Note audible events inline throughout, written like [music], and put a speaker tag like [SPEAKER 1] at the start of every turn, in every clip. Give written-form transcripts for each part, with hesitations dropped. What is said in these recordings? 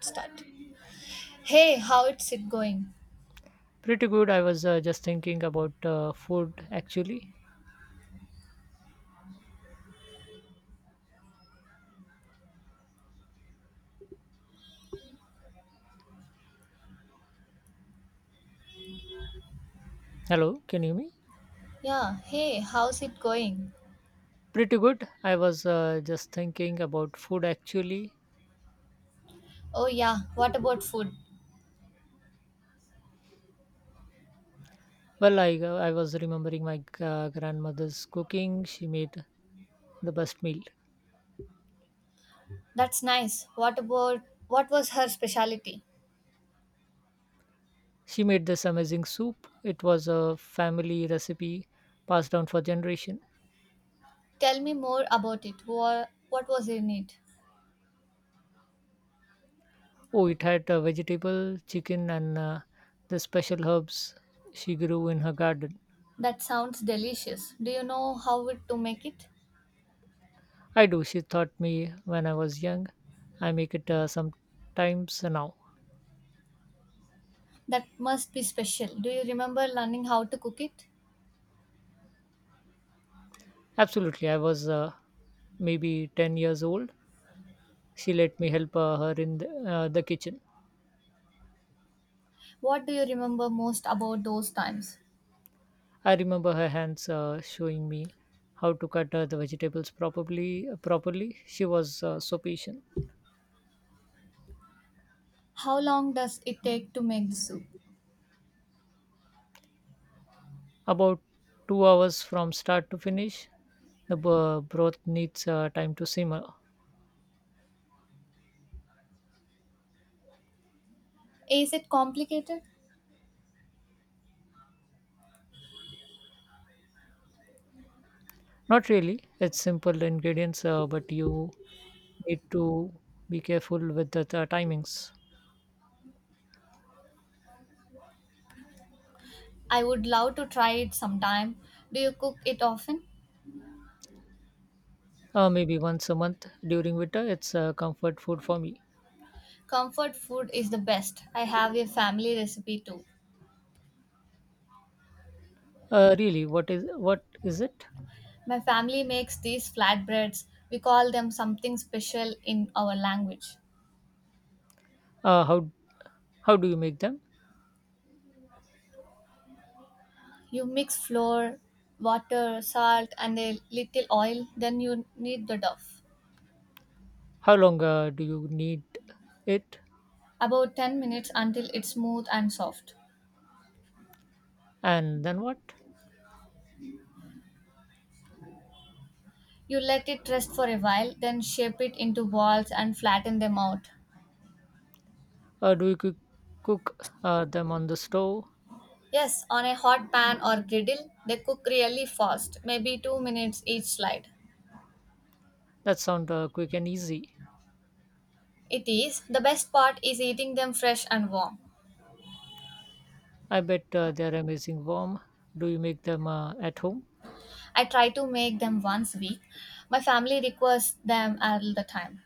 [SPEAKER 1] Start. Hey, how it's it going?
[SPEAKER 2] Pretty good. I was just thinking about food actually. Hello, can you hear me?
[SPEAKER 1] Yeah, hey, how's it going?
[SPEAKER 2] Pretty good. I was just thinking about food actually.
[SPEAKER 1] Oh yeah, what about food?
[SPEAKER 2] Well, I was remembering my grandmother's cooking. She made the best meal.
[SPEAKER 1] That's nice. What was her specialty?
[SPEAKER 2] She made this amazing soup. It was a family recipe passed down for generation.
[SPEAKER 1] Tell me more about it. What was in it?
[SPEAKER 2] Oh, it had vegetable, chicken, and the special herbs she grew in her garden.
[SPEAKER 1] That sounds delicious. Do you know how it to make it?
[SPEAKER 2] I do. She taught me when I was young. I make it sometimes now.
[SPEAKER 1] That must be special. Do you remember learning how to cook it?
[SPEAKER 2] Absolutely. I was maybe 10 years old. She let me help her in the kitchen.
[SPEAKER 1] What do you remember most about those times?
[SPEAKER 2] I remember her hands showing me how to cut the vegetables properly. She was so patient.
[SPEAKER 1] How long does it take to make the soup?
[SPEAKER 2] About 2 hours from start to finish, the broth needs time to simmer.
[SPEAKER 1] Is it complicated?
[SPEAKER 2] Not really. It's simple ingredients, but you need to be careful with the timings.
[SPEAKER 1] I would love to try it sometime. Do you cook it often?
[SPEAKER 2] Maybe once a month during winter, it's comfort food for me.
[SPEAKER 1] Comfort food is the best. I have a family recipe too.
[SPEAKER 2] Really, what is it?
[SPEAKER 1] My family makes these flatbreads. We call them something special in our language.
[SPEAKER 2] Uh, how how do you make them?
[SPEAKER 1] You mix flour, water, salt, and a little oil, then you knead the dough.
[SPEAKER 2] How long do you need it?
[SPEAKER 1] About 10 minutes until it's smooth and soft.
[SPEAKER 2] And then what?
[SPEAKER 1] You let it rest for a while, then shape it into balls and flatten them out.
[SPEAKER 2] Do you cook them on the stove?
[SPEAKER 1] Yes, on a hot pan or griddle, they cook really fast, maybe 2 minutes each slide.
[SPEAKER 2] That sound quick and easy.
[SPEAKER 1] It is. The best part is eating them fresh and warm.
[SPEAKER 2] I bet they are amazing warm. Do you make them at home?
[SPEAKER 1] I try to make them once a week. My family requests them all the time.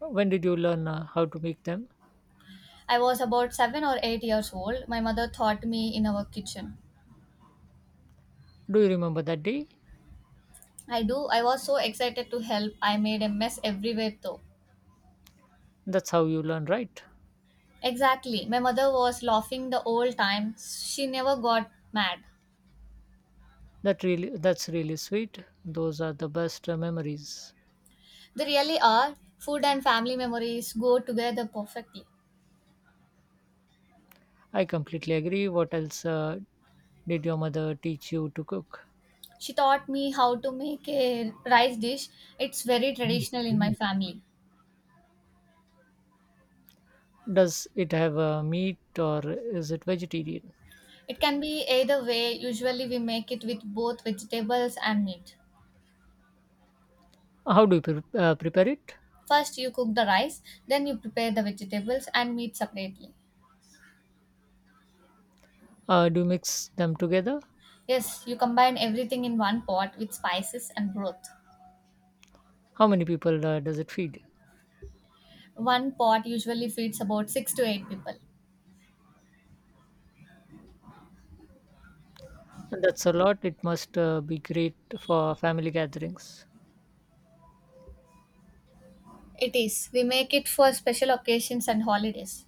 [SPEAKER 2] When did you learn how to make them?
[SPEAKER 1] I was about 7 or 8 years old. My mother taught me in our kitchen.
[SPEAKER 2] Do you remember that day?
[SPEAKER 1] I do. I was so excited to help. I made a mess everywhere though.
[SPEAKER 2] That's how you learn, right?
[SPEAKER 1] Exactly. My mother was laughing the whole time. She never got mad.
[SPEAKER 2] That's really sweet. Those are the best memories.
[SPEAKER 1] They really are. Food and family memories go together perfectly.
[SPEAKER 2] I completely agree. What else did your mother teach you to cook?
[SPEAKER 1] She taught me how to make a rice dish. It's very traditional in my family.
[SPEAKER 2] Does it have meat or is it vegetarian?
[SPEAKER 1] It can be either way. Usually, we make it with both vegetables and meat.
[SPEAKER 2] How do you prepare it?
[SPEAKER 1] First, you cook the rice, then, you prepare the vegetables and meat separately.
[SPEAKER 2] Do you mix them together?
[SPEAKER 1] Yes, you combine everything in one pot with spices and broth.
[SPEAKER 2] How many people does it feed?
[SPEAKER 1] One pot usually feeds about 6 to 8 people.
[SPEAKER 2] That's a lot. It must be great for family gatherings.
[SPEAKER 1] It is. We make it for special occasions and holidays.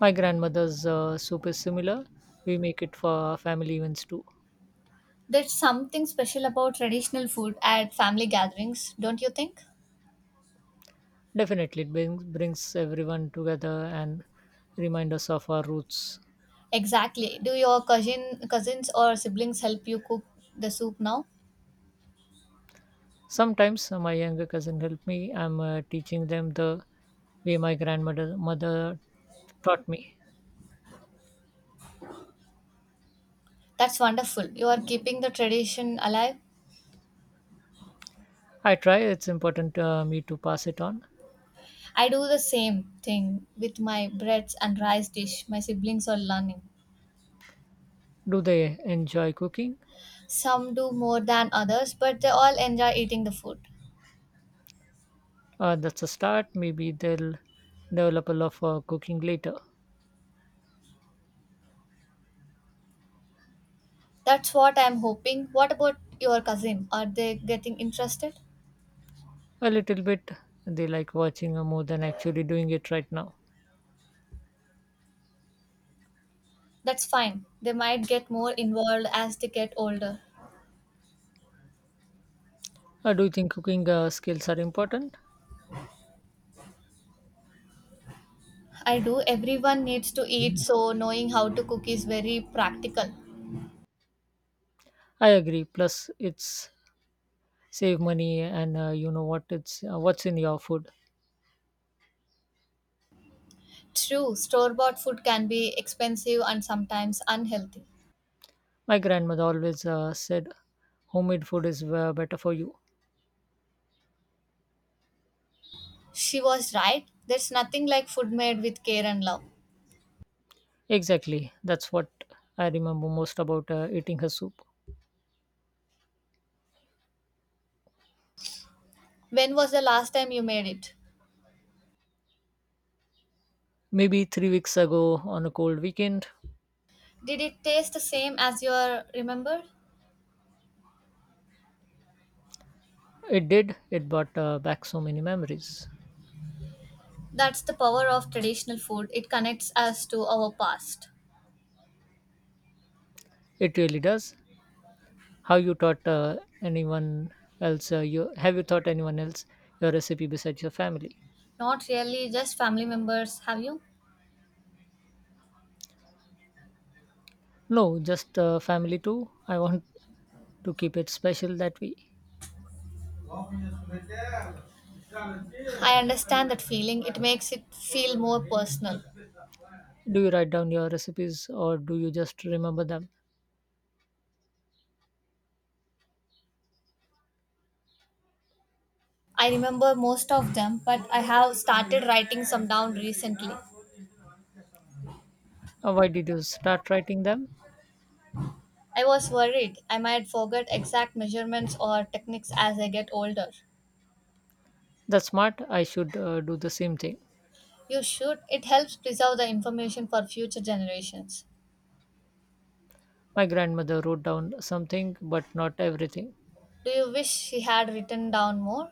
[SPEAKER 2] My grandmother's soup is similar. We make it for family events too.
[SPEAKER 1] There's something special about traditional food at family gatherings, don't you think?
[SPEAKER 2] Definitely, it brings everyone together and remind us of our roots.
[SPEAKER 1] Exactly. Do your cousins or siblings help you cook the soup now?
[SPEAKER 2] Sometimes my younger cousin help me. I'm teaching them the way my grandmother mother taught me.
[SPEAKER 1] That's wonderful. You are keeping the tradition alive.
[SPEAKER 2] I try. It's important me to pass it on.
[SPEAKER 1] I do the same thing with my breads and rice dish. My siblings are learning.
[SPEAKER 2] Do they enjoy cooking?
[SPEAKER 1] Some do more than others, but they all enjoy eating the food.
[SPEAKER 2] That's a start. Maybe they'll develop a love for cooking later.
[SPEAKER 1] That's what I'm hoping. What about your cousin? Are they getting interested?
[SPEAKER 2] A little bit. They like watching more than actually doing it right now.
[SPEAKER 1] That's fine. They might get more involved as they get older.
[SPEAKER 2] Do you think cooking skills are important?
[SPEAKER 1] I do. Everyone needs to eat, so knowing how to cook is very practical.
[SPEAKER 2] I agree. Plus, it's save money and you know what it's what's in your food.
[SPEAKER 1] True, store bought food can be expensive and sometimes unhealthy.
[SPEAKER 2] My grandmother always said, "Homemade food is better for you."
[SPEAKER 1] She was right. There's nothing like food made with care and love.
[SPEAKER 2] Exactly. That's what I remember most about eating her soup.
[SPEAKER 1] When was the last time you made it?
[SPEAKER 2] Maybe 3 weeks ago on a cold weekend.
[SPEAKER 1] Did it taste the same as you are remembered?
[SPEAKER 2] It did. It brought back so many memories.
[SPEAKER 1] That's the power of traditional food. It connects us to our past.
[SPEAKER 2] It really does. How you taught anyone else? You have you taught anyone else your recipe besides your family?
[SPEAKER 1] Not really just family members, have you?
[SPEAKER 2] No, just family too. I want to keep it special that way.
[SPEAKER 1] I understand that feeling. It makes it feel more personal.
[SPEAKER 2] Do you write down your recipes or do you just remember them?
[SPEAKER 1] I remember most of them, but I have started writing some down recently.
[SPEAKER 2] Why did you start writing them?
[SPEAKER 1] I was worried I might forget exact measurements or techniques as I get older.
[SPEAKER 2] That's smart. I should do the same thing.
[SPEAKER 1] You should. It helps preserve the information for future generations.
[SPEAKER 2] My grandmother wrote down something, but not everything.
[SPEAKER 1] Do you wish she had written down more?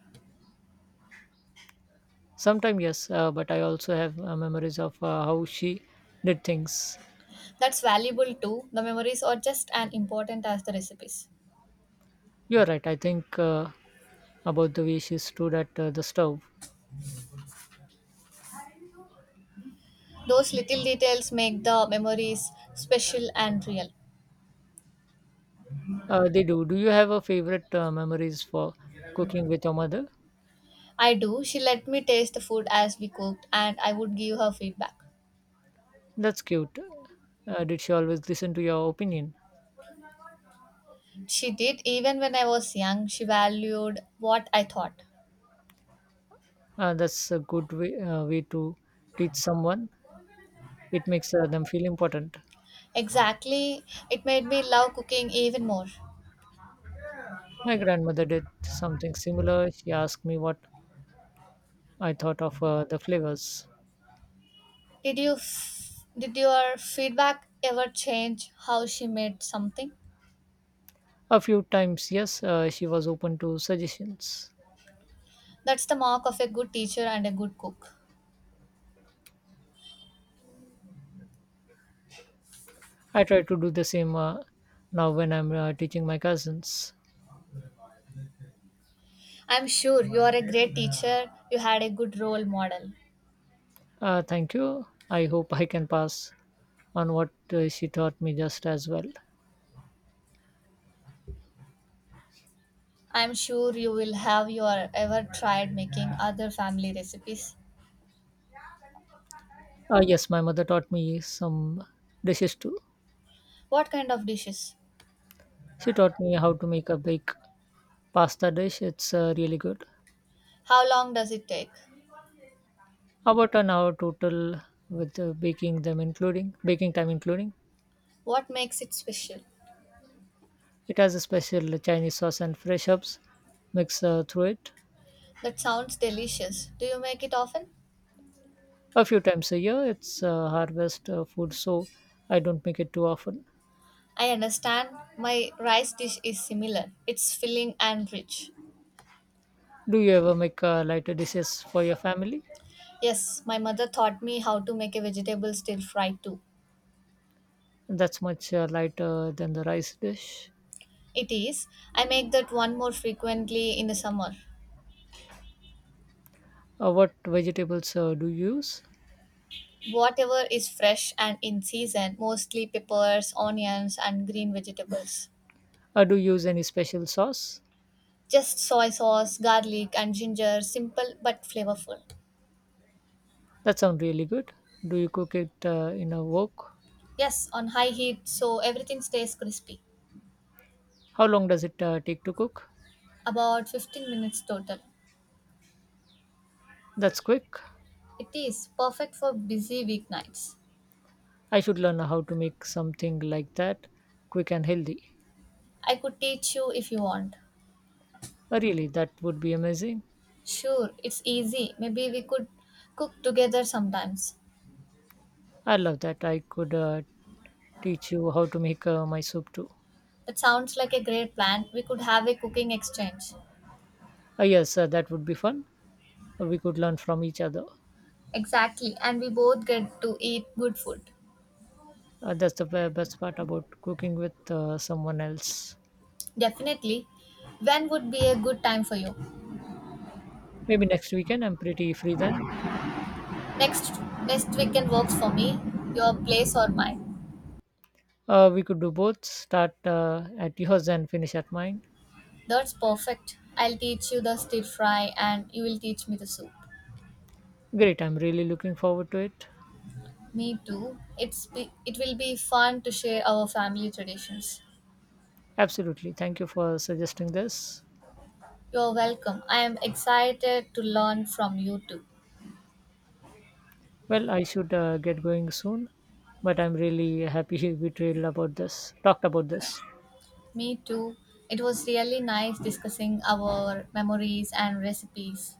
[SPEAKER 2] Sometime, yes, but I also have memories of how she did things.
[SPEAKER 1] That's valuable too. The memories are just as important as the recipes.
[SPEAKER 2] You're right. I think about the way she stood at the stove.
[SPEAKER 1] Those little details make the memories special and real.
[SPEAKER 2] They do. Do you have a favorite memories for cooking with your mother?
[SPEAKER 1] I do. She let me taste the food as we cooked, and I would give her feedback.
[SPEAKER 2] That's cute. Did she always listen to your opinion?
[SPEAKER 1] She did, even when I was young, she valued what I thought.
[SPEAKER 2] That's a good way to teach someone. It makes them feel important.
[SPEAKER 1] Exactly, it made me love cooking even more.
[SPEAKER 2] My grandmother did something similar. She asked me what I thought of the flavors.
[SPEAKER 1] Did your feedback ever change how she made something?
[SPEAKER 2] A few times, yes, she was open to suggestions.
[SPEAKER 1] That's the mark of a good teacher and a good cook.
[SPEAKER 2] I try to do the same now when I'm teaching my cousins.
[SPEAKER 1] I'm sure you are a great teacher. You had a good role model.
[SPEAKER 2] Thank you. I hope I can pass on what she taught me just as well.
[SPEAKER 1] I'm sure you will have your ever tried making other family recipes.
[SPEAKER 2] Yes, my mother taught me some dishes too.
[SPEAKER 1] What kind of dishes?
[SPEAKER 2] She taught me how to make a big pasta dish. It's really good.
[SPEAKER 1] How long does it take?
[SPEAKER 2] About an hour total with baking time, including
[SPEAKER 1] What makes it special?
[SPEAKER 2] it has a special Chinese sauce and fresh herbs mixed through it.
[SPEAKER 1] That sounds delicious. Do you make it often?
[SPEAKER 2] A few times a year, it's harvest food, so I don't make it too often.
[SPEAKER 1] I understand my rice dish is similar. It's filling and rich.
[SPEAKER 2] Do you ever make lighter dishes for your family?
[SPEAKER 1] Yes, my mother taught me how to make a vegetable stir fry too.
[SPEAKER 2] That's much lighter than the rice dish.
[SPEAKER 1] It is. I make that one more frequently in the summer.
[SPEAKER 2] What vegetables do you use?
[SPEAKER 1] Whatever is fresh and in season, mostly peppers, onions, and green vegetables.
[SPEAKER 2] Do you use any special sauce?
[SPEAKER 1] Just soy sauce, garlic, and ginger, simple but flavorful.
[SPEAKER 2] That sounds really good. Do you cook it in a wok?
[SPEAKER 1] Yes, on high heat so everything stays crispy.
[SPEAKER 2] How long does it take to cook?
[SPEAKER 1] About 15 minutes total.
[SPEAKER 2] That's quick.
[SPEAKER 1] It is perfect for busy weeknights.
[SPEAKER 2] I should learn how to make something like that, quick and healthy.
[SPEAKER 1] I could teach you if you want.
[SPEAKER 2] Really, that would be amazing.
[SPEAKER 1] Sure, it's easy. Maybe we could cook together sometimes.
[SPEAKER 2] I love that. I could teach you how to make my soup too.
[SPEAKER 1] That sounds like a great plan. We could have a cooking exchange.
[SPEAKER 2] Yes, that would be fun. We could learn from each other.
[SPEAKER 1] Exactly, and we both get to eat good food.
[SPEAKER 2] That's the best part about cooking with someone else.
[SPEAKER 1] Definitely. When would be a good time for you?
[SPEAKER 2] Maybe next weekend I'm pretty free then.
[SPEAKER 1] Next next weekend works for me. Your place or mine.
[SPEAKER 2] We could do both. Start at yours and finish at mine.
[SPEAKER 1] That's perfect. I'll teach you the stir fry and you will teach me the soup.
[SPEAKER 2] Great, I'm really looking forward to it.
[SPEAKER 1] Me too. It will be fun to share our family traditions.
[SPEAKER 2] Absolutely. Thank you for suggesting this.
[SPEAKER 1] You're welcome. I am excited to learn from you too.
[SPEAKER 2] Well, I should get going soon, but I'm really happy [laughs] we trailed about this, talked about this.
[SPEAKER 1] Me too. It was really nice discussing our memories and recipes.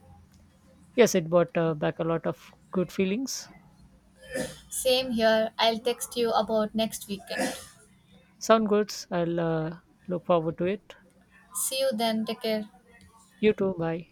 [SPEAKER 2] Yes, it brought back a lot of good feelings.
[SPEAKER 1] Same here. I'll text you about next weekend.
[SPEAKER 2] Sound good. I'll look forward to it.
[SPEAKER 1] See you then. Take care.
[SPEAKER 2] You too. Bye.